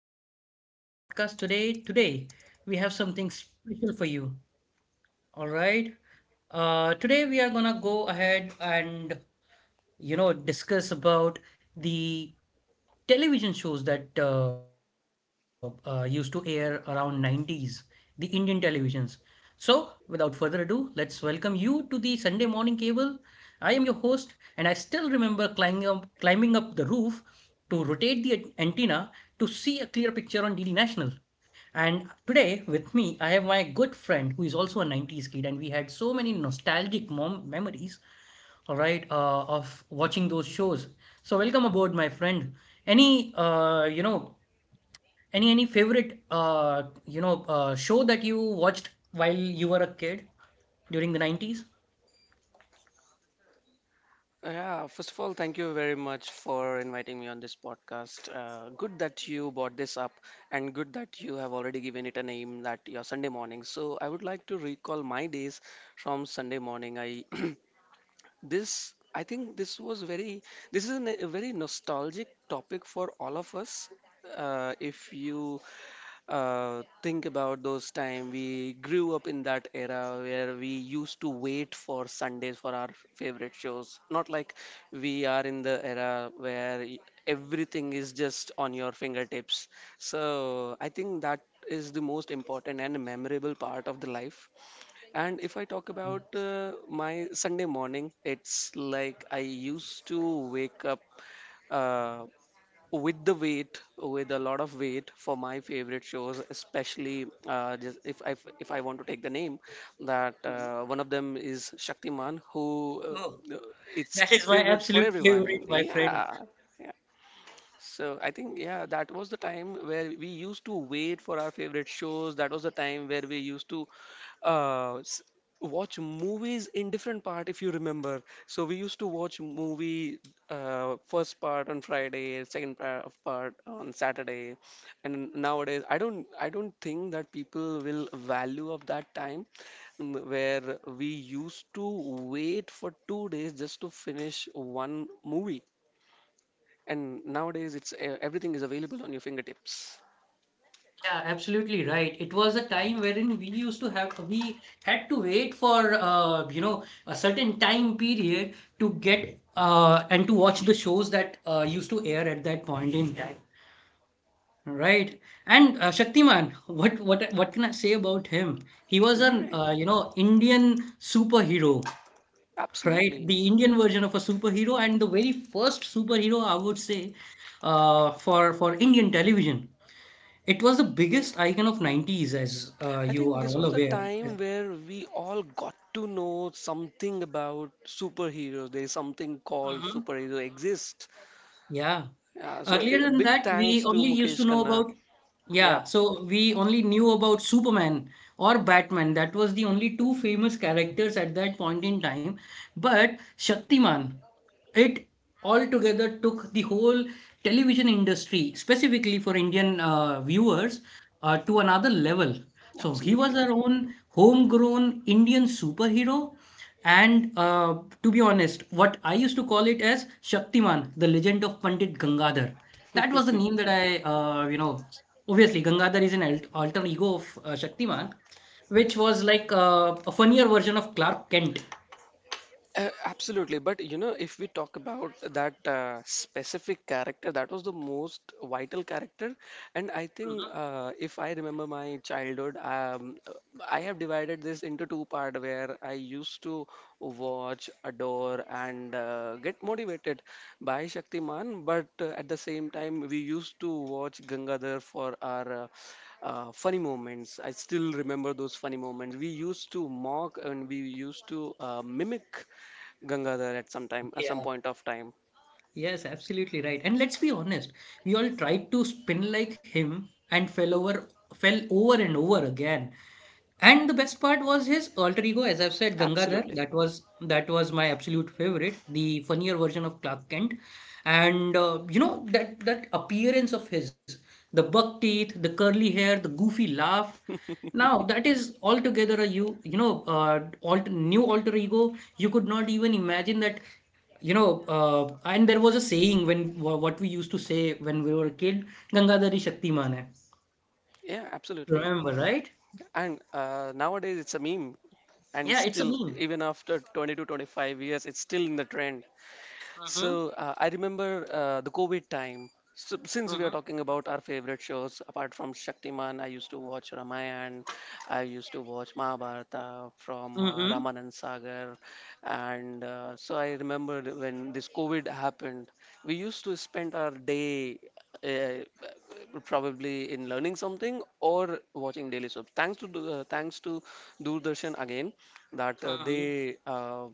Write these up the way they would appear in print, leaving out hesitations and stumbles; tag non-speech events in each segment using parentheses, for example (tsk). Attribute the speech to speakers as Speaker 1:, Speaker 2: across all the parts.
Speaker 1: welcome to our podcast today. Today, we have something special for you. All right. Today, we are gonna go ahead and discuss about the television shows that used to air around 90s, the Indian televisions. So, without further ado, let's welcome you to the Sunday Morning Cable. I am your host, and I still remember climbing up the roof to rotate the antenna to see a clear picture on DD National. And today with me, I have my good friend who is also a 90s kid, and we had so many nostalgic mom memories, all right, of watching those shows. So welcome aboard, my friend. Any, uh, you know, any favorite, show that you watched while you were a kid during the 90s?
Speaker 2: Yeah, first of all, thank you very much for inviting me on this podcast. Good that you brought this up, and good that you have already given it a name that your Sunday morning. So I would like to recall my days from Sunday morning. I (clears throat) this I think this was very this is a very nostalgic topic for all of us. If you think about those time we grew up in that era where we used to wait for Sundays for our favorite shows. Not like we are in the era where everything is just on your fingertips. So I think that is the most important and memorable part of the life. And if I talk about my Sunday morning, it's like I used to wake up Uh, with the weight with a lot of weight for my favorite shows, especially just if I want to take the name that
Speaker 1: Mhm.
Speaker 2: one of them is Shaktiman, who
Speaker 1: Oh,
Speaker 2: it's
Speaker 1: that is my
Speaker 2: favorite for
Speaker 1: absolute
Speaker 2: everyone.
Speaker 1: favorite, my friend.
Speaker 2: Yeah, yeah. So I think, yeah, that was the time where we used to wait for our favorite shows. That was the time where we used to uh, s- watch movies in different part, if you remember. So we used to watch movie first part on Friday, second part on Saturday, and nowadays I don't think that people will value of that time, where we used to wait for two days just to finish one movie. And nowadays it's everything is available on your fingertips.
Speaker 1: Yeah, absolutely right. It was a time wherein we had to wait for, a certain time period to get and to watch the shows that used to air at that point in time. Right. And Shaktiman, what can I say about him? He was an
Speaker 2: Right,
Speaker 1: Indian superhero, right?
Speaker 2: absolutely.
Speaker 1: The Indian version of a superhero and the very first superhero I would say for Indian television. It was the biggest icon of 90s, as
Speaker 2: I
Speaker 1: you
Speaker 2: think
Speaker 1: are
Speaker 2: this
Speaker 1: all
Speaker 2: was the
Speaker 1: aware. As-
Speaker 2: time where we all got to know something about superheroes, there is something called
Speaker 1: Mhm.
Speaker 2: superhero exist.
Speaker 1: Yeah.
Speaker 2: Yeah, so
Speaker 1: Earlier than
Speaker 2: big
Speaker 1: that, we
Speaker 2: thanks to
Speaker 1: only used to
Speaker 2: Mukesh
Speaker 1: know
Speaker 2: Khanna.
Speaker 1: about,
Speaker 2: Yeah,
Speaker 1: yeah, so we only knew about Superman or Batman. That was the only two famous characters at that point in time. But Shaktiman, it altogether took the whole television industry, specifically for Indian viewers, to another level. So he was
Speaker 2: absolutely.
Speaker 1: our own homegrown Indian superhero. And to be honest, what I used to call it as Shaktiman, the legend of Pandit Gangadhar. That was the name that obviously Gangadhar is an alter ego of Shaktiman, which was like a funnier version of Clark Kent.
Speaker 2: Absolutely, but you know, if we talk about that specific character, that was the most vital character, and I think
Speaker 1: Mhm.
Speaker 2: if I remember my childhood, I have divided this into two-part where I used to watch, adore, and get motivated by Shaktiman, but at the same time, we used to watch Gangadhar for our. Funny moments. I still remember those funny moments. We used to mock and we used to mimic Gangadhar at some time, at some
Speaker 1: Yeah,
Speaker 2: point of time.
Speaker 1: yes, absolutely right. And let's be honest, we all tried to spin like him and fell over and over again. And the best part was his
Speaker 2: Absolutely.
Speaker 1: alter ego, as I've said, Gangadhar. That was my absolute favorite, the funnier version of Clark Kent. And you know that appearance of his, the buck teeth, the curly hair, the goofy laugh. Now that is altogether a new alter ego. You could not even imagine that, you know. And there was a saying when what we used to say when we were a kid, Gangadhari Shaktiman hai.
Speaker 2: Yeah, absolutely.
Speaker 1: Remember, right?
Speaker 2: And nowadays it's a meme. And
Speaker 1: Yeah, it's a
Speaker 2: still,
Speaker 1: meme.
Speaker 2: even after 20 to 25 years, it's still in the trend.
Speaker 1: Mm-hmm,
Speaker 2: So I remember the COVID time. So, since we are
Speaker 1: mm-hmm.
Speaker 2: talking about our favorite shows, apart from Shaktiman, I used to watch Ramayana, I used to watch Mahabharata from
Speaker 1: Mm-hmm.
Speaker 2: Ramanand Sagar. And so I remember when this COVID happened, we used to spend our day uh, probably in learning something or watching Daily Soap. Thanks to, thanks to Doordarshan again, that uh,
Speaker 1: Mm-hmm.
Speaker 2: they uh,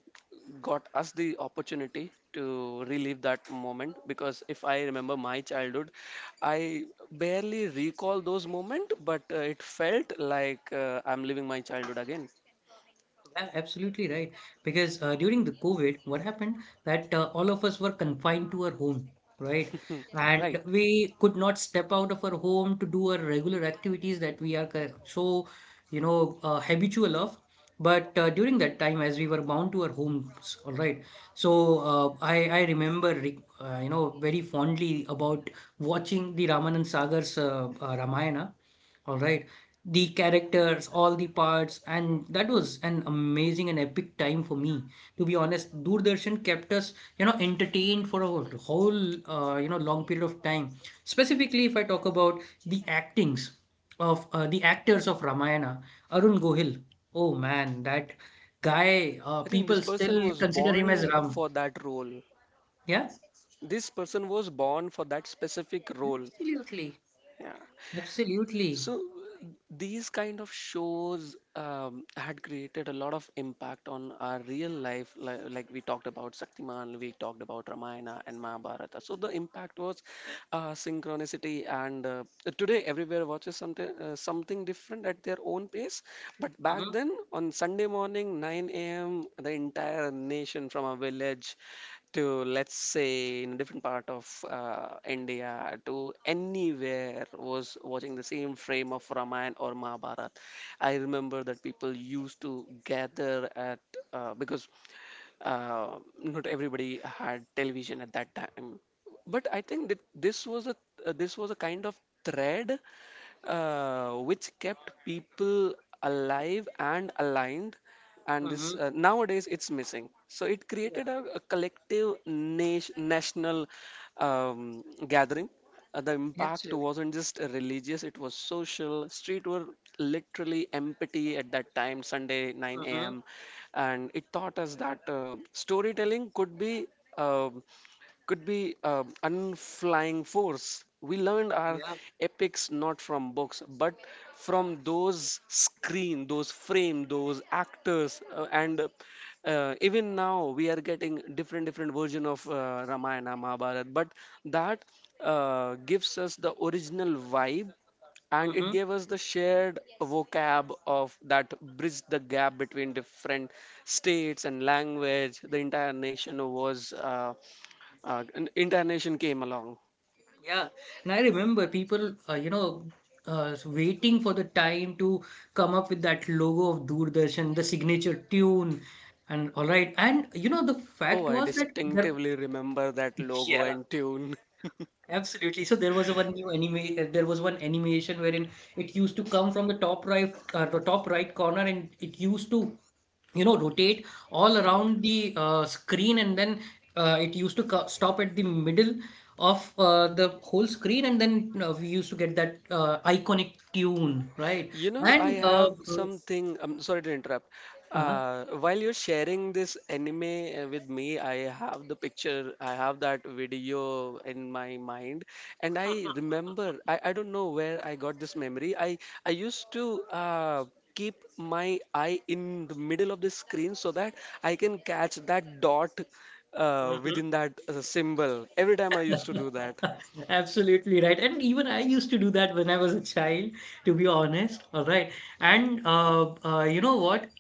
Speaker 2: got us the opportunity to relive that moment, because if I remember my childhood, I barely recall those moments, but it felt like I'm living my childhood again.
Speaker 1: Yeah, absolutely right. Because during the COVID, what happened that all of us were confined to our home, right?
Speaker 2: Right.
Speaker 1: And we could not step out of our home to do our regular activities that so, you know, habitual of. But during that time, as we were bound to our homes, all right. So I remember re you know very fondly about watching the Ramanand Sagar's Ramayana. All right. The characters, all the parts, and that was an amazing and epic time for me. To be honest, Doordarshan kept us, you know, entertained for a whole, long period of time. Specifically, if I talk about the actings of the actors of Ramayana, Arun Gohil. Oh man, that guy,
Speaker 2: I think this
Speaker 1: people
Speaker 2: person
Speaker 1: still
Speaker 2: was
Speaker 1: consider him
Speaker 2: born
Speaker 1: as Ram.
Speaker 2: for that role,
Speaker 1: Yeah,
Speaker 2: this person was born for that specific role.
Speaker 1: absolutely.
Speaker 2: Yeah.
Speaker 1: Absolutely.
Speaker 2: So these kind of shows had created a lot of impact on our real life, like we talked about Saktiman, we talked about Ramayana and Mahabharata. So the impact was synchronicity, and today everywhere watches something something different at their own pace. But back
Speaker 1: Uh-huh,
Speaker 2: then, on Sunday morning, 9 a.m., the entire nation from a village to let's say in a different part of India to anywhere was watching the same frame of Ramayana or Mahabharata. I remember that people used to gather at because uh, not everybody had television at that time. But I think that this was a kind of thread which kept people alive and aligned, and this
Speaker 1: uh-huh.
Speaker 2: nowadays it's missing. So it created
Speaker 1: Yeah,
Speaker 2: a collective nation, national um, gathering. The impact
Speaker 1: absolutely.
Speaker 2: wasn't just religious, it was social. Street were literally empty at that time, Sunday 9
Speaker 1: Uh-huh,
Speaker 2: a.m. And it taught us that storytelling could be um, unflying force. We learned our
Speaker 1: yeah,
Speaker 2: epics not from books, but from those screen, those frame, those actors, and even now we are getting different version of Ramayana, Mahabharata. But that gives us the original vibe, and it
Speaker 1: uh-huh.
Speaker 2: gave us the shared vocab of that bridged the gap between different states and language. The entire nation was. An Intonation came along.
Speaker 1: Yeah, and I remember people, waiting for the time to come up with that logo of Doordarshan, the signature tune, and all right. And you know, the fact
Speaker 2: Oh, I
Speaker 1: was that there,
Speaker 2: distinctively remember that logo
Speaker 1: yeah.
Speaker 2: and tune.
Speaker 1: Absolutely. So there was a one new anime. There was one animation wherein it used to come from the top the top right corner, and it used to, you know, rotate all around the screen, and then it used to co- stop at the middle of the whole screen, and then we used to get that iconic tune, right?
Speaker 2: You know, I
Speaker 1: And
Speaker 2: have something. I'm sorry to interrupt.
Speaker 1: uh, uh-huh.
Speaker 2: While you're sharing this anime with me, I have the picture, I have that video in my mind, and I remember. I don't know where I got this memory. I used to keep my eye in the middle of the screen so that I can catch that dot within
Speaker 1: (laughs)
Speaker 2: that symbol. Every time I used to do that.
Speaker 1: (laughs) Absolutely right. And even I used to do that when I was a child, to be honest. All right.
Speaker 2: Mm.
Speaker 1: And you know what?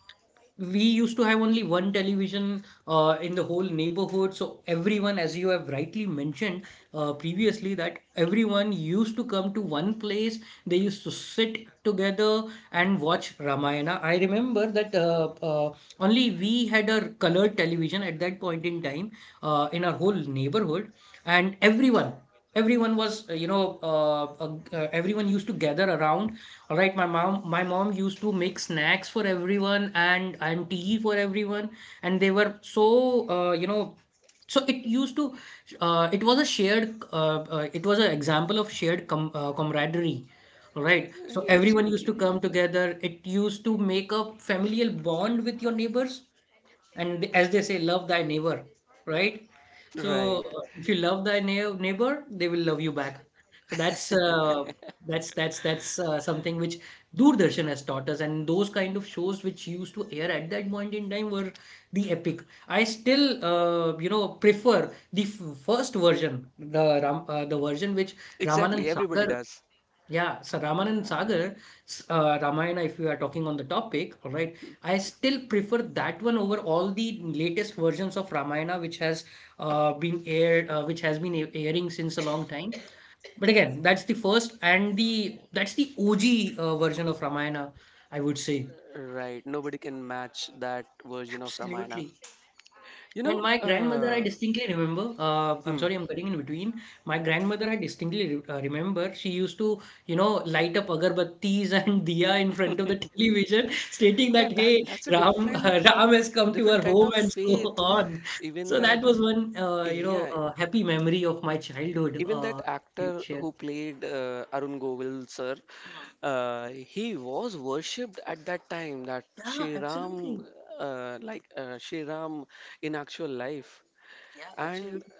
Speaker 1: We used to have only one television in the whole neighborhood. So everyone, as you have rightly mentioned previously, that everyone used to come to one place. They used to sit together and watch Ramayana. I remember that only we had a colored television at that point in time in our whole neighborhood, and everyone. Everyone used to gather around, all right. My mom used to make snacks for everyone and tea for everyone, and they were so uh, you know, so it used to, it was a shared, it was an example of shared com camaraderie. All right, so
Speaker 2: Yeah,
Speaker 1: everyone used to
Speaker 2: absolutely.
Speaker 1: come together. It used to make a familial bond with your neighbors, and as they say, love thy neighbor, right?
Speaker 2: Right.
Speaker 1: So if you love thy neighbor, they will love you back. So that's something which Doordarshan has taught us, and those kind of shows which used to air at that point in time were the epic. I still prefer the first version, the the version which Ramanand
Speaker 2: Exactly. Everybody
Speaker 1: Sagar—
Speaker 2: does.
Speaker 1: yeah, so Ramanan Sagar, Ramayana, if we are talking on the topic, all right, I still prefer that one over all the latest versions of Ramayana, which has which has been airing since a long time. But again, that's the first and the that's the OG version of Ramayana, I would say.
Speaker 2: Right, nobody can match that version of Ramayana.
Speaker 1: Absolutely.
Speaker 2: You know,
Speaker 1: And my grandmother, I distinctly remember.
Speaker 2: hmm,
Speaker 1: I'm sorry, I'm cutting in between. My grandmother, I distinctly re remember. She used to, you know, light up agarbattis (laughs) and diya in front of the television, stating
Speaker 2: yeah,
Speaker 1: that,
Speaker 2: that
Speaker 1: "Hey,
Speaker 2: that's a
Speaker 1: Ram,
Speaker 2: different
Speaker 1: (laughs) Ram has come to
Speaker 2: different
Speaker 1: our
Speaker 2: kind
Speaker 1: home,"
Speaker 2: of
Speaker 1: and so
Speaker 2: faith.
Speaker 1: on.
Speaker 2: Even
Speaker 1: So
Speaker 2: that,
Speaker 1: that was one,
Speaker 2: yeah,
Speaker 1: happy memory of my childhood.
Speaker 2: even that
Speaker 1: You
Speaker 2: actor
Speaker 1: shared.
Speaker 2: who played Arun Govil, sir,
Speaker 1: Hmm.
Speaker 2: he was worshipped at that time. That
Speaker 1: Yeah,
Speaker 2: Shri Ram,
Speaker 1: absolutely.
Speaker 2: like Shri Ram in actual life,
Speaker 1: Yeah,
Speaker 2: and
Speaker 1: absolutely.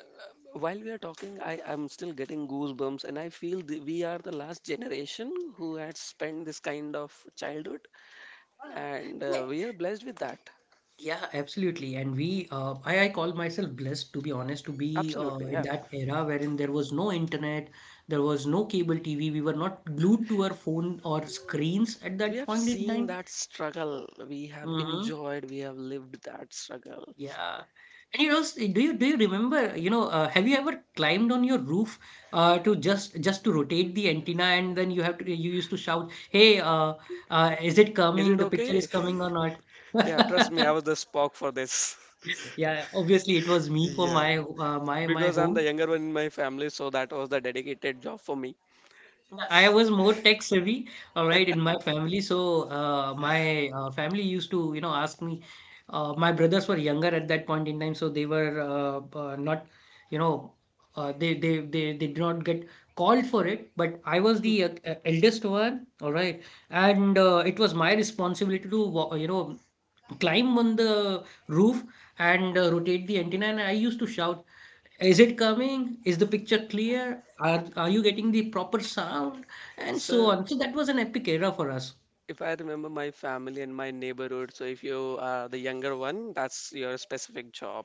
Speaker 2: while we are talking, I am still getting goosebumps, and I feel we are the last generation who had spent this kind of childhood, and
Speaker 1: Yeah.
Speaker 2: we are blessed with that.
Speaker 1: Yeah, absolutely. And I call myself blessed, to be honest, to be
Speaker 2: Absolutely,
Speaker 1: in
Speaker 2: yeah.
Speaker 1: that era wherein there was no internet, there was no cable TV. We were not glued to our phone or screens at
Speaker 2: We
Speaker 1: that
Speaker 2: have
Speaker 1: point in
Speaker 2: seen
Speaker 1: time.
Speaker 2: that struggle. We have
Speaker 1: Hmm.
Speaker 2: enjoyed. We have lived that struggle.
Speaker 1: Yeah. And you know, do you remember? You know, have you ever climbed on your roof to just to rotate the antenna, and then you used to shout, "Hey, is it
Speaker 2: Is
Speaker 1: coming?
Speaker 2: it
Speaker 1: The picture is
Speaker 2: okay? (laughs)
Speaker 1: coming or not?"
Speaker 2: Yeah, trust me, I
Speaker 1: (laughs)
Speaker 2: was the Spock for this.
Speaker 1: Yeah, obviously it was me for
Speaker 2: Yeah,
Speaker 1: my my
Speaker 2: because I'm the
Speaker 1: home.
Speaker 2: younger one in my family, so that was the dedicated job for me.
Speaker 1: I was more tech savvy, all right, in my family. So my family used to, you know, ask me. My brothers were younger at that point in time, so they were not, you know, they did not get called for it. But I was the eldest one, all right, and it was my responsibility to, you know, climb on the roof and rotate the antenna. And I used to shout. Is it coming? Is the picture clear? Are you getting the proper sound? And so
Speaker 2: So
Speaker 1: on. So that was an epic era for us.
Speaker 2: if I remember my family and my neighborhood, so if you are the younger one, that's your specific job.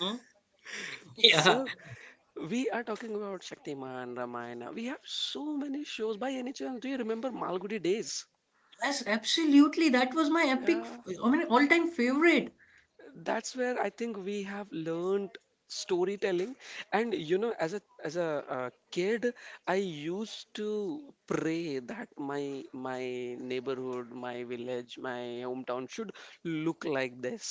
Speaker 1: Mhm. (laughs) Yeah.
Speaker 2: So we are talking about Shaktiman, Ramayana. We have so many shows. By any chance, do you remember Malgudi days?
Speaker 1: Yes, absolutely. That was my epic,
Speaker 2: Yeah,
Speaker 1: I mean, all-time favorite.
Speaker 2: that's where I think we have learned storytelling. And you know, as a kid, I used to pray that my neighborhood, my village, my hometown should look like this.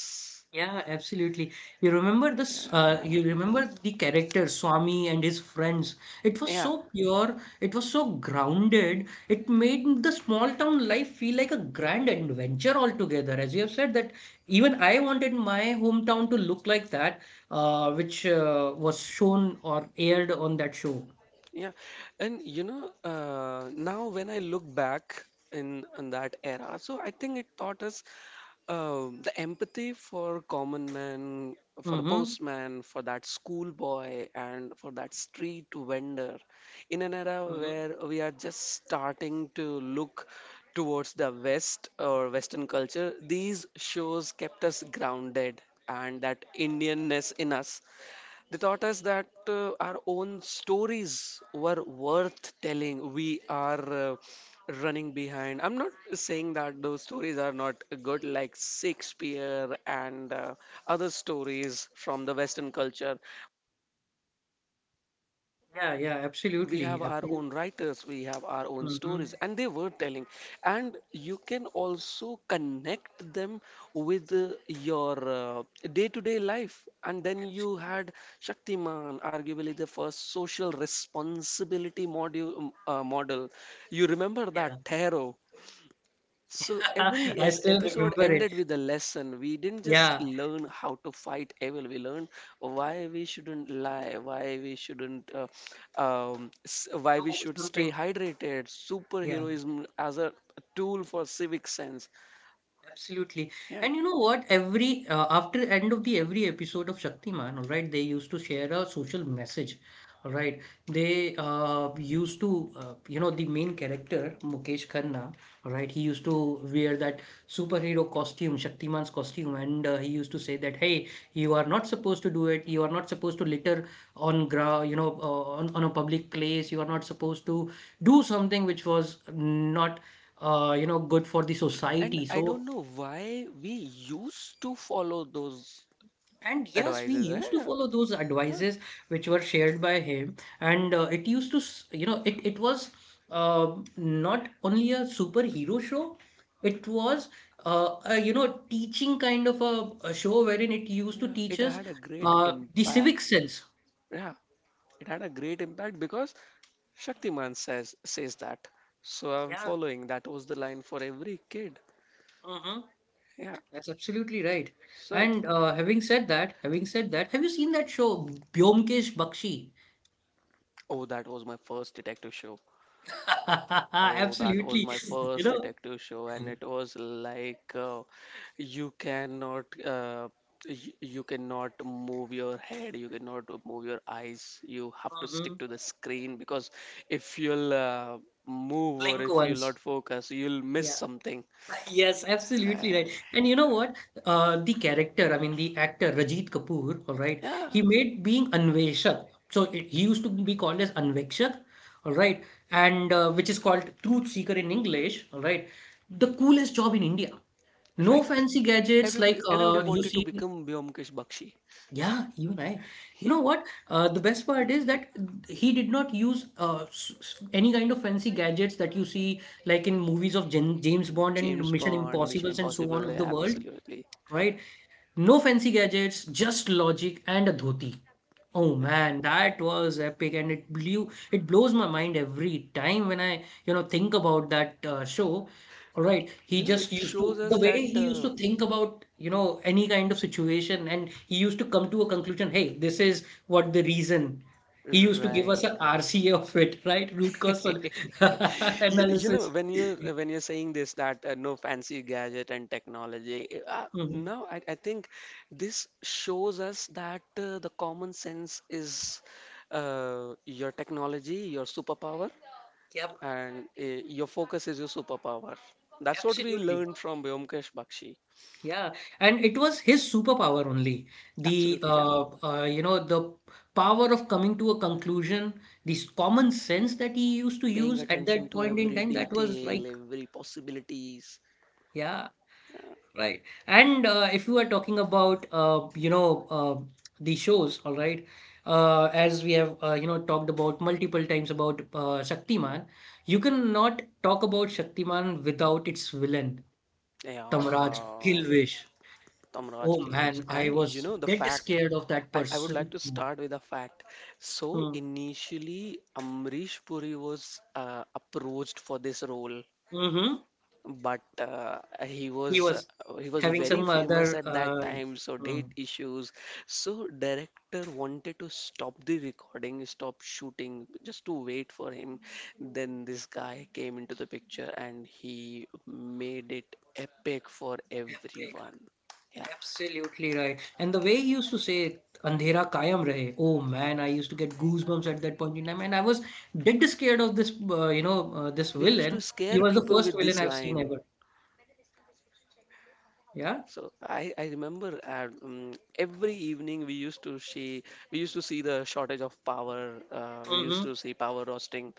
Speaker 1: Yeah, absolutely. You remember the character Swami and his friends. It was
Speaker 2: Yeah.
Speaker 1: so pure, it was so grounded, it made the small town life feel like a grand adventure altogether. As you have said that even I wanted my hometown to look like that, which was shown or aired on that show.
Speaker 2: Yeah, and you know, now when I look back in that era, so I think it taught us the empathy for common man, for the
Speaker 1: Mm-hmm.
Speaker 2: postman, for that schoolboy, and for that street vendor in an era
Speaker 1: Mm-hmm.
Speaker 2: where we are just starting to look towards the West or Western culture. These shows kept us grounded and that Indianness in us. They taught us that our own stories were worth telling. We are running behind. I'm not saying that those stories are not good, like Shakespeare and other stories from the Western culture.
Speaker 1: Yeah, yeah,
Speaker 2: We have
Speaker 1: absolutely.
Speaker 2: our
Speaker 1: Absolutely.
Speaker 2: own writers, we have our own
Speaker 1: Mm-hmm.
Speaker 2: stories, and they were telling. And you can also connect them with your day-to-day life. And then you had Shaktiman, arguably the first social responsibility model. You remember that
Speaker 1: Yeah.
Speaker 2: tarot? So every
Speaker 1: (laughs) I still
Speaker 2: episode
Speaker 1: remember
Speaker 2: ends
Speaker 1: it.
Speaker 2: with a lesson. We didn't just
Speaker 1: Yeah.
Speaker 2: learn how to fight evil. We learned why we shouldn't lie, why we shouldn't, why we
Speaker 1: Do
Speaker 2: should stay
Speaker 1: something.
Speaker 2: hydrated.
Speaker 1: Yeah.
Speaker 2: Superheroism as a tool for civic sense.
Speaker 1: Absolutely.
Speaker 2: Yeah.
Speaker 1: And you know what? Every After end of the every episode of Shaktiman, all right, they used to share a social message. All right. They used to you know, the main character Mukesh Khanna, all right, he used to wear that superhero costume, Shaktiman's costume, and he used to say that, "Hey, you are not supposed to do it. You are not supposed to litter on ground. On a public place. You are not supposed to do something which was not good for the
Speaker 2: And
Speaker 1: society.
Speaker 2: I don't know why we used to follow those
Speaker 1: And yes, we
Speaker 2: advices.
Speaker 1: used to
Speaker 2: Yeah,
Speaker 1: follow those
Speaker 2: huh,
Speaker 1: advices which were shared by him, and it used to, it was not only a superhero show. It was a teaching kind of a show wherein it used to
Speaker 2: yeah.
Speaker 1: teach
Speaker 2: It
Speaker 1: us
Speaker 2: had a great
Speaker 1: the
Speaker 2: impact.
Speaker 1: civic sense.
Speaker 2: Yeah, it had a great impact because Shaktiman says that. So I'm
Speaker 1: Yeah.
Speaker 2: following. That was the line for every kid.
Speaker 1: Hmm.
Speaker 2: Yeah.
Speaker 1: That's absolutely
Speaker 2: So
Speaker 1: right. And having said that, have you seen that show Byomkesh Bakshi?
Speaker 2: oh, that was my first detective show.
Speaker 1: (laughs)
Speaker 2: Oh, that was
Speaker 1: Absolutely,
Speaker 2: my
Speaker 1: you
Speaker 2: first
Speaker 1: know.
Speaker 2: detective show, and it was like you cannot uh, you cannot move your head, you cannot move your eyes. You have to stick
Speaker 1: Mhm.
Speaker 2: to the screen because if you'll move or
Speaker 1: Blink
Speaker 2: if you'll not
Speaker 1: once.
Speaker 2: focus, you'll miss
Speaker 1: Yeah,
Speaker 2: something.
Speaker 1: (laughs) yes, absolutely
Speaker 2: Uh,
Speaker 1: right. And you know what? The character, I mean, the actor Rajit Kapoor, all right,
Speaker 2: yeah,
Speaker 1: he made being Anveshak. So he used to be called as Anvekshak, all right, and which is called truth seeker in English, all right. The coolest job in India. No
Speaker 2: right.
Speaker 1: fancy gadgets like
Speaker 2: Everybody
Speaker 1: you
Speaker 2: wanted to
Speaker 1: see.
Speaker 2: become Vyomkesh Bakshi.
Speaker 1: Yeah, even I. You know
Speaker 2: (laughs)
Speaker 1: what? The best part is that he did not use any kind of fancy gadgets that you see, like in movies of Jan James Bond and
Speaker 2: James
Speaker 1: Mission
Speaker 2: Bond, Mission
Speaker 1: Impossibles and so on
Speaker 2: Impossible,
Speaker 1: of the world,
Speaker 2: absolutely.
Speaker 1: right? No fancy gadgets, just logic and a dhoti. Oh man, that was epic, and it blows my mind every time when I think about that show. All right, he
Speaker 2: You know, it
Speaker 1: just used
Speaker 2: shows
Speaker 1: to the
Speaker 2: us
Speaker 1: way
Speaker 2: that.
Speaker 1: he used to think about any kind of situation, and he used to come to a conclusion. Hey, this is what the reason. He used to give us
Speaker 2: Right.
Speaker 1: a RCA of it, (laughs) right? Root cause (laughs)
Speaker 2: You know
Speaker 1: analysis.
Speaker 2: when you are when you're saying this that no fancy gadget and technology.
Speaker 1: Mhm.
Speaker 2: No, I think this shows us that the common sense is your technology, your superpower,
Speaker 1: Yep,
Speaker 2: and your focus is your superpower. That's what we
Speaker 1: absolutely.
Speaker 2: learned from Vyomkesh Bakshi.
Speaker 1: Yeah, and it was his superpower only. The
Speaker 2: Absolutely, yeah.
Speaker 1: you know the power of coming to a conclusion, this common sense that he used to
Speaker 2: Paying
Speaker 1: use at
Speaker 2: attention
Speaker 1: that
Speaker 2: to
Speaker 1: point in
Speaker 2: every
Speaker 1: time, that was
Speaker 2: detail,
Speaker 1: like
Speaker 2: every possibilities.
Speaker 1: yeah, right. And if you are talking about the shows, all right, as we have talked about multiple times about Shaktiman, you cannot talk about Shaktiman without its villain, Tamraj
Speaker 2: Yeah,
Speaker 1: Kilvish.
Speaker 2: Tamraj
Speaker 1: Oh
Speaker 2: Kilvich.
Speaker 1: man, I
Speaker 2: And you
Speaker 1: was
Speaker 2: know the
Speaker 1: dead
Speaker 2: fact.
Speaker 1: scared of that
Speaker 2: I would like
Speaker 1: person.
Speaker 2: to
Speaker 1: Mm.
Speaker 2: start with a fact. So
Speaker 1: Hmm.
Speaker 2: initially, Amrish Puri was approached for this role,
Speaker 1: Mm-hmm.
Speaker 2: but he was
Speaker 1: He
Speaker 2: uh,
Speaker 1: was
Speaker 2: he was
Speaker 1: having
Speaker 2: very
Speaker 1: some
Speaker 2: famous
Speaker 1: other.
Speaker 2: at that time, so date
Speaker 1: Mm,
Speaker 2: issues. So director wanted to stop the recording, stop shooting just to wait for him. Then this guy came into the picture and he made it epic for
Speaker 1: epic.
Speaker 2: everyone. Yeah,
Speaker 1: Absolutely right. And the way he used to say it, "Andhera kaayam rahe." Oh man, I used to get goosebumps at that point in time, and I was dead scared of this. This
Speaker 2: we used to
Speaker 1: villain. He
Speaker 2: scare
Speaker 1: was the
Speaker 2: people
Speaker 1: first
Speaker 2: with
Speaker 1: villain
Speaker 2: this
Speaker 1: I've seen
Speaker 2: line.
Speaker 1: ever. Yeah.
Speaker 2: So I remember every evening we used to see, we used to see the shortage of power. We used
Speaker 1: Mm-hmm.
Speaker 2: to see power roasting.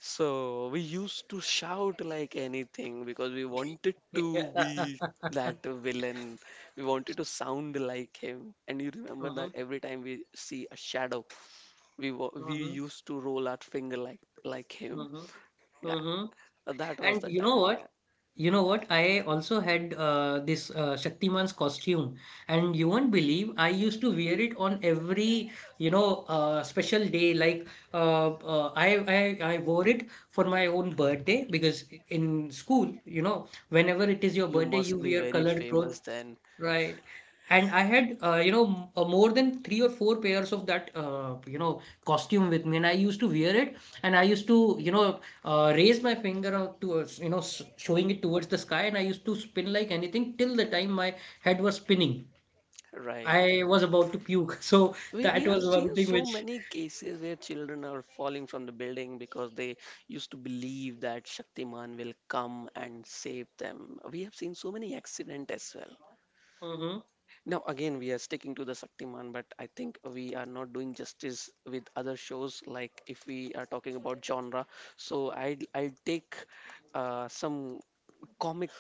Speaker 2: So we used to shout like anything because we wanted to be that
Speaker 1: (laughs)
Speaker 2: villain. We wanted to sound like him. And you remember
Speaker 1: Mm-hmm.
Speaker 2: that every time we see a shadow, we
Speaker 1: Mm-hmm.
Speaker 2: used to roll our finger like him.
Speaker 1: Mm-hmm.
Speaker 2: Yeah,
Speaker 1: Mm-hmm.
Speaker 2: that was
Speaker 1: And
Speaker 2: the
Speaker 1: you know
Speaker 2: time. Yeah,
Speaker 1: what? You know what? I also had this Shaktiman's costume, and you won't believe I used to wear it on every, you know, special day. Like uh, uh, I, I wore it for my own birthday because in school, you know, whenever it is your
Speaker 2: you
Speaker 1: birthday, you
Speaker 2: must be
Speaker 1: wear
Speaker 2: very
Speaker 1: colored clothes.
Speaker 2: famous then,
Speaker 1: Right. And I had, more than 3 or 4 pairs of that, costume with me. And I used to wear it and I used to, you know, raise my finger out towards, you know, s showing it towards the sky. And I used to spin like anything till the time my head was spinning.
Speaker 2: right?
Speaker 1: I was about to puke. (laughs) So
Speaker 2: We
Speaker 1: that
Speaker 2: have
Speaker 1: was one
Speaker 2: seen
Speaker 1: thing
Speaker 2: so
Speaker 1: which,
Speaker 2: many cases where children are falling from the building because they used to believe that Shaktiman will come and save them. We have seen so many accidents as well.
Speaker 1: Mhm.
Speaker 2: Now, again, we are sticking to the Shaktiman, but I think we are not doing justice with other shows. Like if we are talking about genre, so I'll take some comic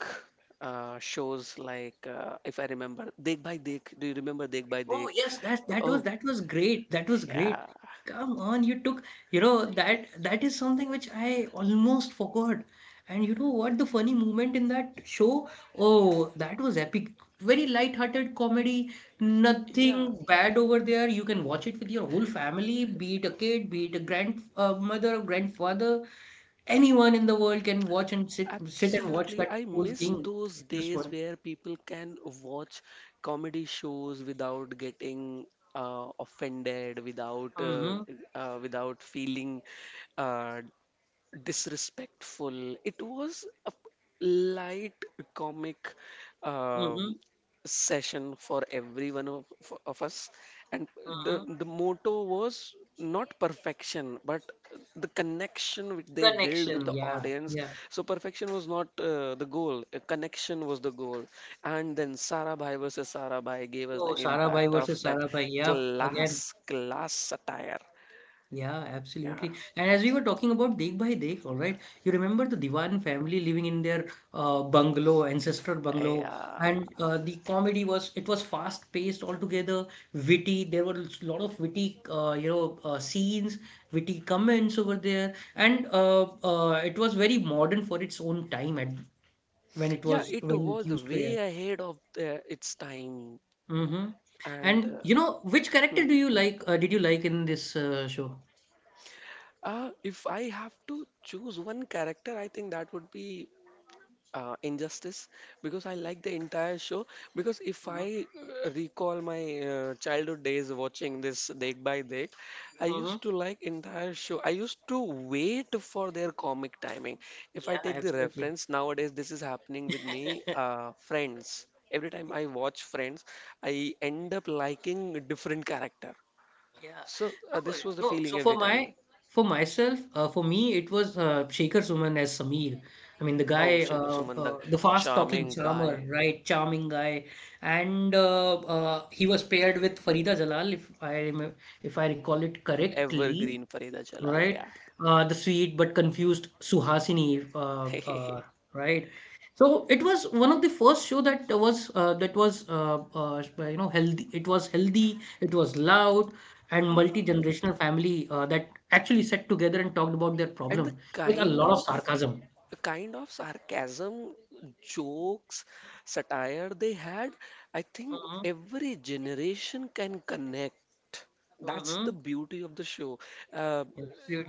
Speaker 2: shows like if I remember Dekh Bhai Dekh. Do you remember Dekh Bhai
Speaker 1: Oh
Speaker 2: Dekh?
Speaker 1: yes, that
Speaker 2: Oh,
Speaker 1: that was great. That was great.
Speaker 2: yeah,
Speaker 1: Come on, you took, you know, that that is something which I almost forgot. And you know what the funny moment in that show? Oh, that was epic. Very light-hearted comedy,
Speaker 2: yeah.
Speaker 1: nothing bad over there. You can watch it with your whole family, be it a kid, be it a grand mother or grandfather. Anyone in the world can watch and sit and watch
Speaker 2: Absolutely.
Speaker 1: that
Speaker 2: I
Speaker 1: whole
Speaker 2: miss
Speaker 1: thing.
Speaker 2: those
Speaker 1: It just
Speaker 2: days
Speaker 1: one.
Speaker 2: where people can watch comedy shows without getting offended,
Speaker 1: Mm-hmm.
Speaker 2: without feeling uh, disrespectful. It was a light comic
Speaker 1: Mm-hmm.
Speaker 2: um, session for every one of us, and the
Speaker 1: Mm-hmm.
Speaker 2: the motto was not perfection, but the connection which they build with
Speaker 1: Connection.
Speaker 2: the
Speaker 1: Yeah.
Speaker 2: audience.
Speaker 1: Yeah.
Speaker 2: So perfection was not the goal; a connection was the goal. And then Sarah Bhai versus Sarah Bhai gave us the
Speaker 1: Oh, Sarabhai
Speaker 2: impact of
Speaker 1: versus
Speaker 2: that
Speaker 1: Sarabhai. Yep. Again,
Speaker 2: class satire.
Speaker 1: yeah,
Speaker 2: Yeah,
Speaker 1: absolutely. And as we were talking about Dekh Bhai Dekh, all right, you remember the Diwan family living in their bungalow, ancestor bungalow,
Speaker 2: yeah.
Speaker 1: and the comedy was it was fast paced altogether, witty. There were a lot of witty, scenes, witty comments over there, and it was very modern for its own time at
Speaker 2: Yeah, it
Speaker 1: when it
Speaker 2: was
Speaker 1: used to
Speaker 2: way
Speaker 1: air.
Speaker 2: ahead of its time.
Speaker 1: Mm-hmm.
Speaker 2: And
Speaker 1: And you know, which
Speaker 2: hmm.
Speaker 1: character do you like? Did you like in this show?
Speaker 2: If I have to choose one character, I think that would be injustice, because I like the entire show. Because if
Speaker 1: Mm-hmm.
Speaker 2: I recall my childhood days watching this Dek By Dek, I
Speaker 1: Mm-hmm.
Speaker 2: used to like entire show, I used to wait for their comic timing. If I
Speaker 1: Yeah,
Speaker 2: take the
Speaker 1: absolutely.
Speaker 2: reference nowadays, this is happening with me,
Speaker 1: (laughs)
Speaker 2: friends. Every time I watch Friends, I end up liking a different character.
Speaker 1: Yeah.
Speaker 2: So
Speaker 1: No,
Speaker 2: this was the
Speaker 1: no.
Speaker 2: feeling
Speaker 1: So
Speaker 2: every time.
Speaker 1: for myself, for me, it was Shekhar Suman as Sameer. I mean, the
Speaker 2: Oh,
Speaker 1: guy,
Speaker 2: Shekhar Sumandak,
Speaker 1: the fast-talking
Speaker 2: charming guy,
Speaker 1: charmer, right? Charming guy, and he was paired with Farida Jalal, if I remember, if I recall it correctly.
Speaker 2: evergreen Farida Jalal.
Speaker 1: Right? The sweet but confused Suhasini,
Speaker 2: Yeah. (laughs)
Speaker 1: right? So it was one of the first show that was healthy. It was healthy. It was loud and
Speaker 2: Huh.
Speaker 1: multi-generational family that actually sat together and talked about their
Speaker 2: And
Speaker 1: problem with a lot of sarcasm.
Speaker 2: the kind of sarcasm, jokes, satire they had, I think
Speaker 1: Mm-hmm,
Speaker 2: every generation can connect. That's
Speaker 1: mm-hmm,
Speaker 2: the beauty of the show. Uh,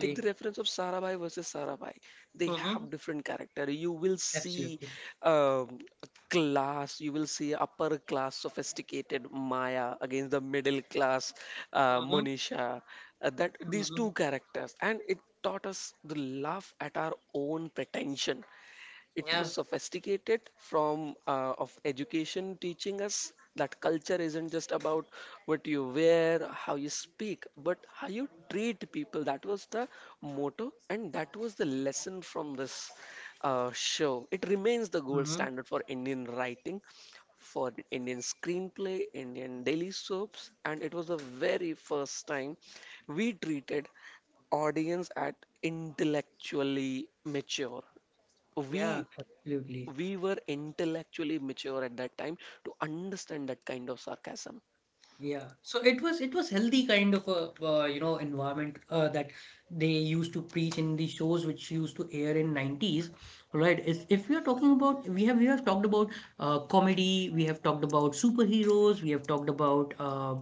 Speaker 2: take the reference of Sarabhai versus Sarabhai. They
Speaker 1: Mm-hmm,
Speaker 2: have different character. You will see
Speaker 1: absolutely.
Speaker 2: a class. You will see upper class sophisticated Maya against the middle class
Speaker 1: Mm-hmm,
Speaker 2: Monisha. That these
Speaker 1: mm-hmm,
Speaker 2: two characters, and it taught us the laugh at our own pretension. It
Speaker 1: yeah.
Speaker 2: was sophisticated from of education, teaching us that culture isn't just about what you wear, how you speak, but how you treat people. That was the motto and that was the lesson from this show. It remains the gold
Speaker 1: Mm-hmm,
Speaker 2: standard for Indian writing, for Indian screenplay, Indian daily soaps. And it was the very first time we treated audience at intellectually mature. we
Speaker 1: yeah. Absolutely.
Speaker 2: we were intellectually mature at that time to understand that kind of sarcasm.
Speaker 1: Yeah, so it was healthy kind of a environment that they used to preach in the shows which used to air in 90s, right? If we are talking about we have talked about comedy, we have talked about superheroes, we have talked about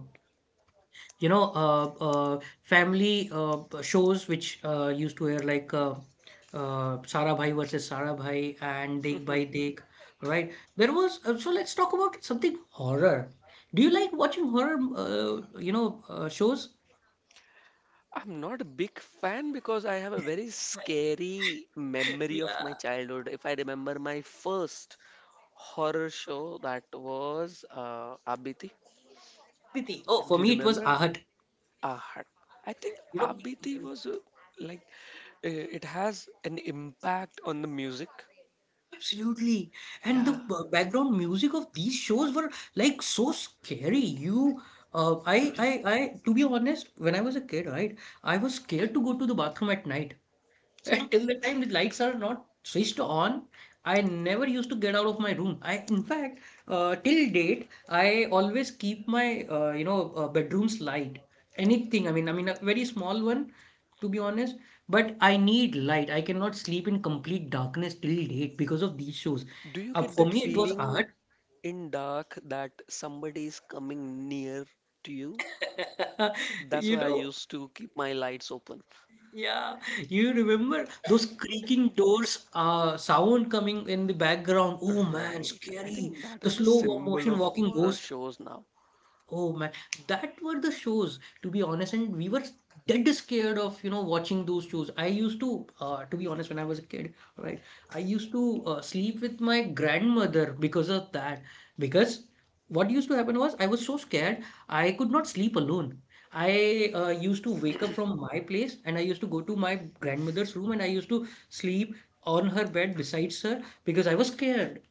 Speaker 1: you know, uh, family shows which used to air like Sara Bhai versus Sara Bhai and Dekh
Speaker 2: Mhm.
Speaker 1: Bhai Dekh, right? There was so let's talk about something horror. Do you like watching horror, shows?
Speaker 2: I'm not a big fan because I have a very scary
Speaker 1: (laughs)
Speaker 2: memory of my
Speaker 1: Yeah.
Speaker 2: childhood. If I remember my first horror show, that was Abiti.
Speaker 1: Aditi. Oh, for
Speaker 2: Do you
Speaker 1: me it was
Speaker 2: remember?
Speaker 1: Ahat.
Speaker 2: Ah, I think
Speaker 1: You know,
Speaker 2: Abiti was like it has an impact on the music.
Speaker 1: absolutely. And the
Speaker 2: Yeah,
Speaker 1: background music of these shows were like so scary. You, I, to be honest, when I was a kid, right, I was scared to go to the bathroom at night. (laughs)
Speaker 2: same.
Speaker 1: Until the time the lights are not switched on, I never used to get out of my room. I, in fact, till date, I always keep my, bedroom's light. Anything. I mean, a very small one to be honest. But I need light. I cannot sleep in complete darkness till late because of these shows.
Speaker 2: Do you
Speaker 1: Uh,
Speaker 2: get
Speaker 1: for
Speaker 2: that
Speaker 1: me,
Speaker 2: feel?
Speaker 1: it was art.
Speaker 2: In dark that somebody is coming near to you.
Speaker 1: (laughs)
Speaker 2: That's
Speaker 1: You
Speaker 2: why I
Speaker 1: know,
Speaker 2: used to keep my lights open.
Speaker 1: yeah. You remember those creaking doors, sound coming in the background. Oh man,
Speaker 2: Right. I
Speaker 1: scary.
Speaker 2: think that
Speaker 1: The
Speaker 2: is the
Speaker 1: slow
Speaker 2: symbol
Speaker 1: motion
Speaker 2: of
Speaker 1: walking
Speaker 2: horror
Speaker 1: ghost.
Speaker 2: shows now.
Speaker 1: Oh man, that were the shows, to be honest, and we were dead scared of, you know, watching those shows. I used to be honest, when I was a kid, right, I used to sleep with my grandmother because of that. Because what used to happen was I was so scared, I could not sleep alone. I used to wake up from my place and I used to go to my grandmother's room and I used to sleep on her bed besides her because I was scared.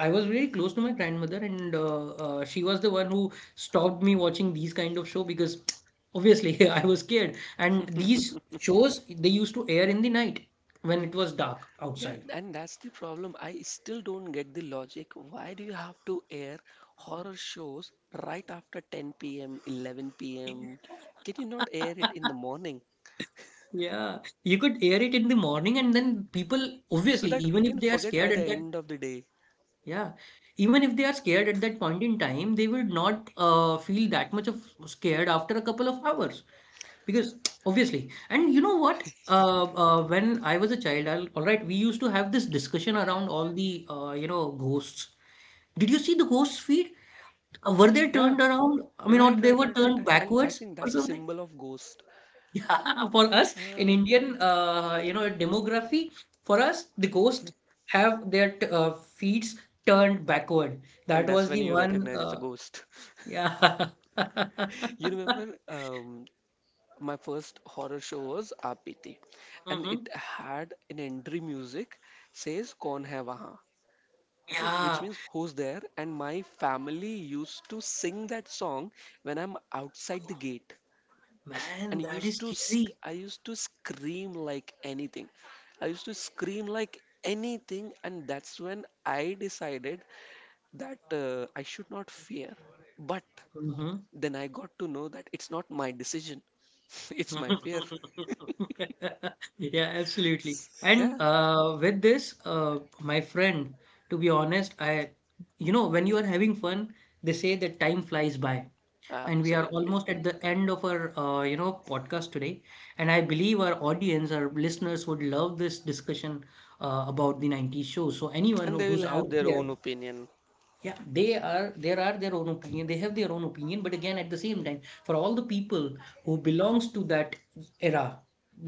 Speaker 1: I was really close to my grandmother, and she was the one who stopped me watching these kind of show because (tsk) obviously (laughs) I was scared. And these shows they used to air in the night when it was dark
Speaker 2: Yeah,
Speaker 1: outside.
Speaker 2: and that's the problem. I still don't get the logic. Why do you have to air horror shows right after 10 p.m., 11 p.m.? Can
Speaker 1: (laughs)
Speaker 2: you not air it in the morning
Speaker 1: Yeah, you could air it in the morning, and then people
Speaker 2: so
Speaker 1: obviously,
Speaker 2: that we
Speaker 1: even if
Speaker 2: can
Speaker 1: they are
Speaker 2: forget by
Speaker 1: scared
Speaker 2: the
Speaker 1: at that,
Speaker 2: end of the day?
Speaker 1: yeah, even if they are scared at that point in time, they will not feel that much of scared after a couple of hours. Because obviously, and you know what? When I was a child, all right, we used to have this discussion around all the ghosts. Did you see the ghost feet? Were they
Speaker 2: Yeah,
Speaker 1: turned around? I mean, or
Speaker 2: right,
Speaker 1: they
Speaker 2: right,
Speaker 1: were
Speaker 2: right, right,
Speaker 1: turned
Speaker 2: right. And I
Speaker 1: backwards
Speaker 2: think
Speaker 1: or
Speaker 2: that's a
Speaker 1: something? (laughs)
Speaker 2: symbol of ghost.
Speaker 1: Yeah, for us in
Speaker 2: Uh,
Speaker 1: Indian, demography, for us the ghosts have their t feet turned backward.
Speaker 2: and
Speaker 1: That
Speaker 2: that's
Speaker 1: was
Speaker 2: when
Speaker 1: the
Speaker 2: you
Speaker 1: one.
Speaker 2: recognize it's a
Speaker 1: Uh,
Speaker 2: ghost. (laughs)
Speaker 1: yeah.
Speaker 2: You
Speaker 1: (laughs)
Speaker 2: remember my first horror show was RPT, and
Speaker 1: hmm.
Speaker 2: it had an entry music says "Kon hai wahan." Okay, which
Speaker 1: Yeah,
Speaker 2: means who's there? And my family used to sing that song when I'm outside the gate, and
Speaker 1: man, that is scary.
Speaker 2: I used to scream like anything. I used to scream like anything, and that's when I decided that I should not fear. But
Speaker 1: Hmm.
Speaker 2: then I got to know that it's not my decision, (laughs) it's my fear. (laughs)
Speaker 1: (laughs) Yeah, absolutely.
Speaker 2: Yeah,
Speaker 1: And with this, my friend, to be honest, you know, when you are having fun, they say that time flies by. And we are
Speaker 2: absolutely.
Speaker 1: almost at the end of our, podcast today. And I believe our audience, our listeners would love this discussion about the 90s show. So anyone
Speaker 2: And they
Speaker 1: who's
Speaker 2: will
Speaker 1: out
Speaker 2: have their
Speaker 1: there
Speaker 2: own opinion.
Speaker 1: yeah, they are there are their own opinion. They have their own opinion, but again, at the same time, for all the people who belongs to that era,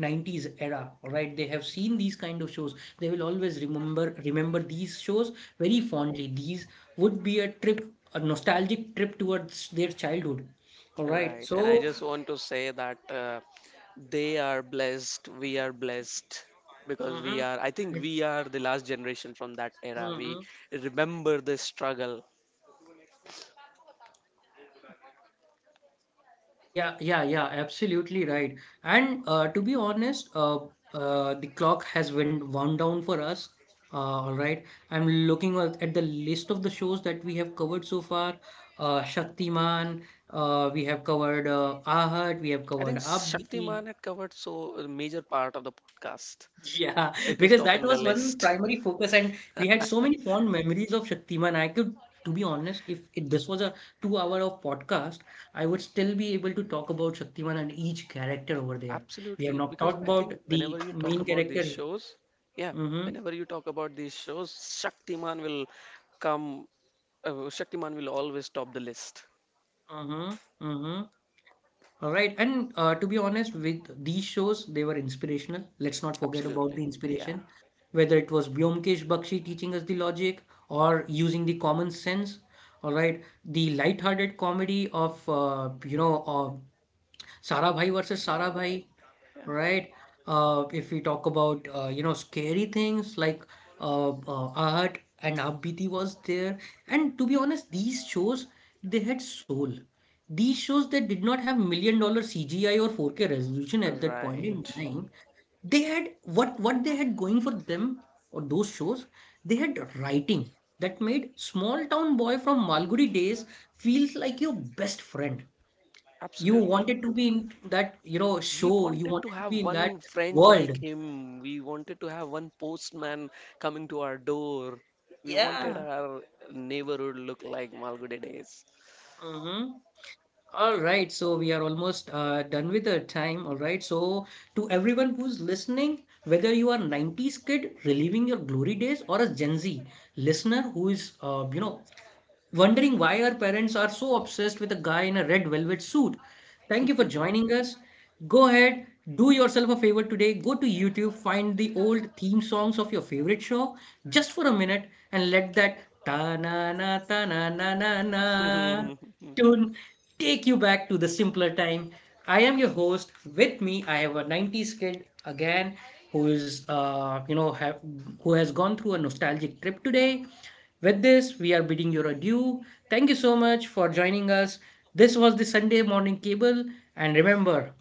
Speaker 1: 90s era, all right, they have seen these kind of shows. They will always remember these shows very fondly. These would be a trip, a nostalgic trip towards their childhood. All right,
Speaker 2: Right. And I
Speaker 1: so.
Speaker 2: just want to say that they are blessed, we are blessed because we
Speaker 1: Mhm.
Speaker 2: are, I think we are the last generation from that era. We
Speaker 1: Mhm.
Speaker 2: remember the struggle.
Speaker 1: Yeah, yeah, yeah, absolutely right. And to be honest, the clock has went wound down for us. All right, I'm looking at the list of the shows that we have covered so far. Shaktiman, we have covered Aahat, we have
Speaker 2: I
Speaker 1: covered
Speaker 2: think
Speaker 1: Aap Beeti.
Speaker 2: Shaktiman had covered so a major part of the podcast.
Speaker 1: Yeah,
Speaker 2: It is
Speaker 1: because that
Speaker 2: topping the
Speaker 1: was one
Speaker 2: list.
Speaker 1: primary focus, and we had so many fond memories of Shaktiman. To be honest, if it, this was a 2 hour of podcast, I would still be able to talk about Shaktiman and each character over there. We have
Speaker 2: Absolutely,
Speaker 1: not
Speaker 2: because
Speaker 1: talked
Speaker 2: I
Speaker 1: about
Speaker 2: think whenever
Speaker 1: the
Speaker 2: you talk
Speaker 1: main
Speaker 2: about these
Speaker 1: character.
Speaker 2: shows, yeah,
Speaker 1: Mm-hmm,
Speaker 2: whenever you talk about these shows, Shaktiman will come. Shaktiman will always top the list.
Speaker 1: mm-hmm, mm-hmm. All right. And to be honest, with these shows, they were inspirational. Let's not forget about
Speaker 2: Absolutely,
Speaker 1: the
Speaker 2: yeah,
Speaker 1: inspiration, whether it was Byomkesh Bakshi teaching us the logic or using the common sense. All right. The light-hearted comedy of, Sarabhai versus
Speaker 2: Sarabhai,
Speaker 1: Sarabhai,
Speaker 2: yeah,
Speaker 1: right? If we talk about scary things like Art and Abhiti was there, and to be honest, these shows they had soul. These shows that did not have $1 million CGI or 4K resolution at that point in
Speaker 2: right,
Speaker 1: time, they had what they had going for them or those shows, they had writing that made small town boy from Malgudi days feels like your best friend. You
Speaker 2: absolutely.
Speaker 1: wanted to be in that, you know,
Speaker 2: We
Speaker 1: show. You
Speaker 2: wanted to
Speaker 1: wanted to
Speaker 2: have
Speaker 1: be in that
Speaker 2: one friend like
Speaker 1: world.
Speaker 2: him. We wanted to have one postman coming to our door. We wanted
Speaker 1: Yeah.
Speaker 2: our neighborhood look like Malgudi days.
Speaker 1: Mm-hmm. All right. So we are almost done with the time. All right. So to everyone who's listening, whether you are 90s kid reliving your glory days or a Gen Z listener who is, wondering why our parents are so obsessed with a guy in a red velvet suit. Thank you for joining us. Go ahead, do yourself a favor today. Go to YouTube, find the old theme songs of your favorite show just for a minute and let that ta na na ta na na na na tune take you back to the simpler time. I am your host. With me, I have a 90s kid again who is you know have, who has gone through a nostalgic trip today. With this, we are bidding you adieu. Thank you so much for joining us. This was the Sunday morning cable. And remember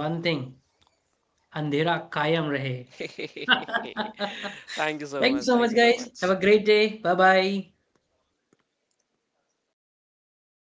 Speaker 1: one thing, Andhera Kayam Rahe.
Speaker 2: (laughs) (laughs)
Speaker 1: (laughs)
Speaker 2: Thank you so
Speaker 1: Thank you
Speaker 2: much.
Speaker 1: so
Speaker 2: Thank
Speaker 1: much,
Speaker 2: you so
Speaker 1: guys. Have
Speaker 2: much.
Speaker 1: a great day. Bye bye.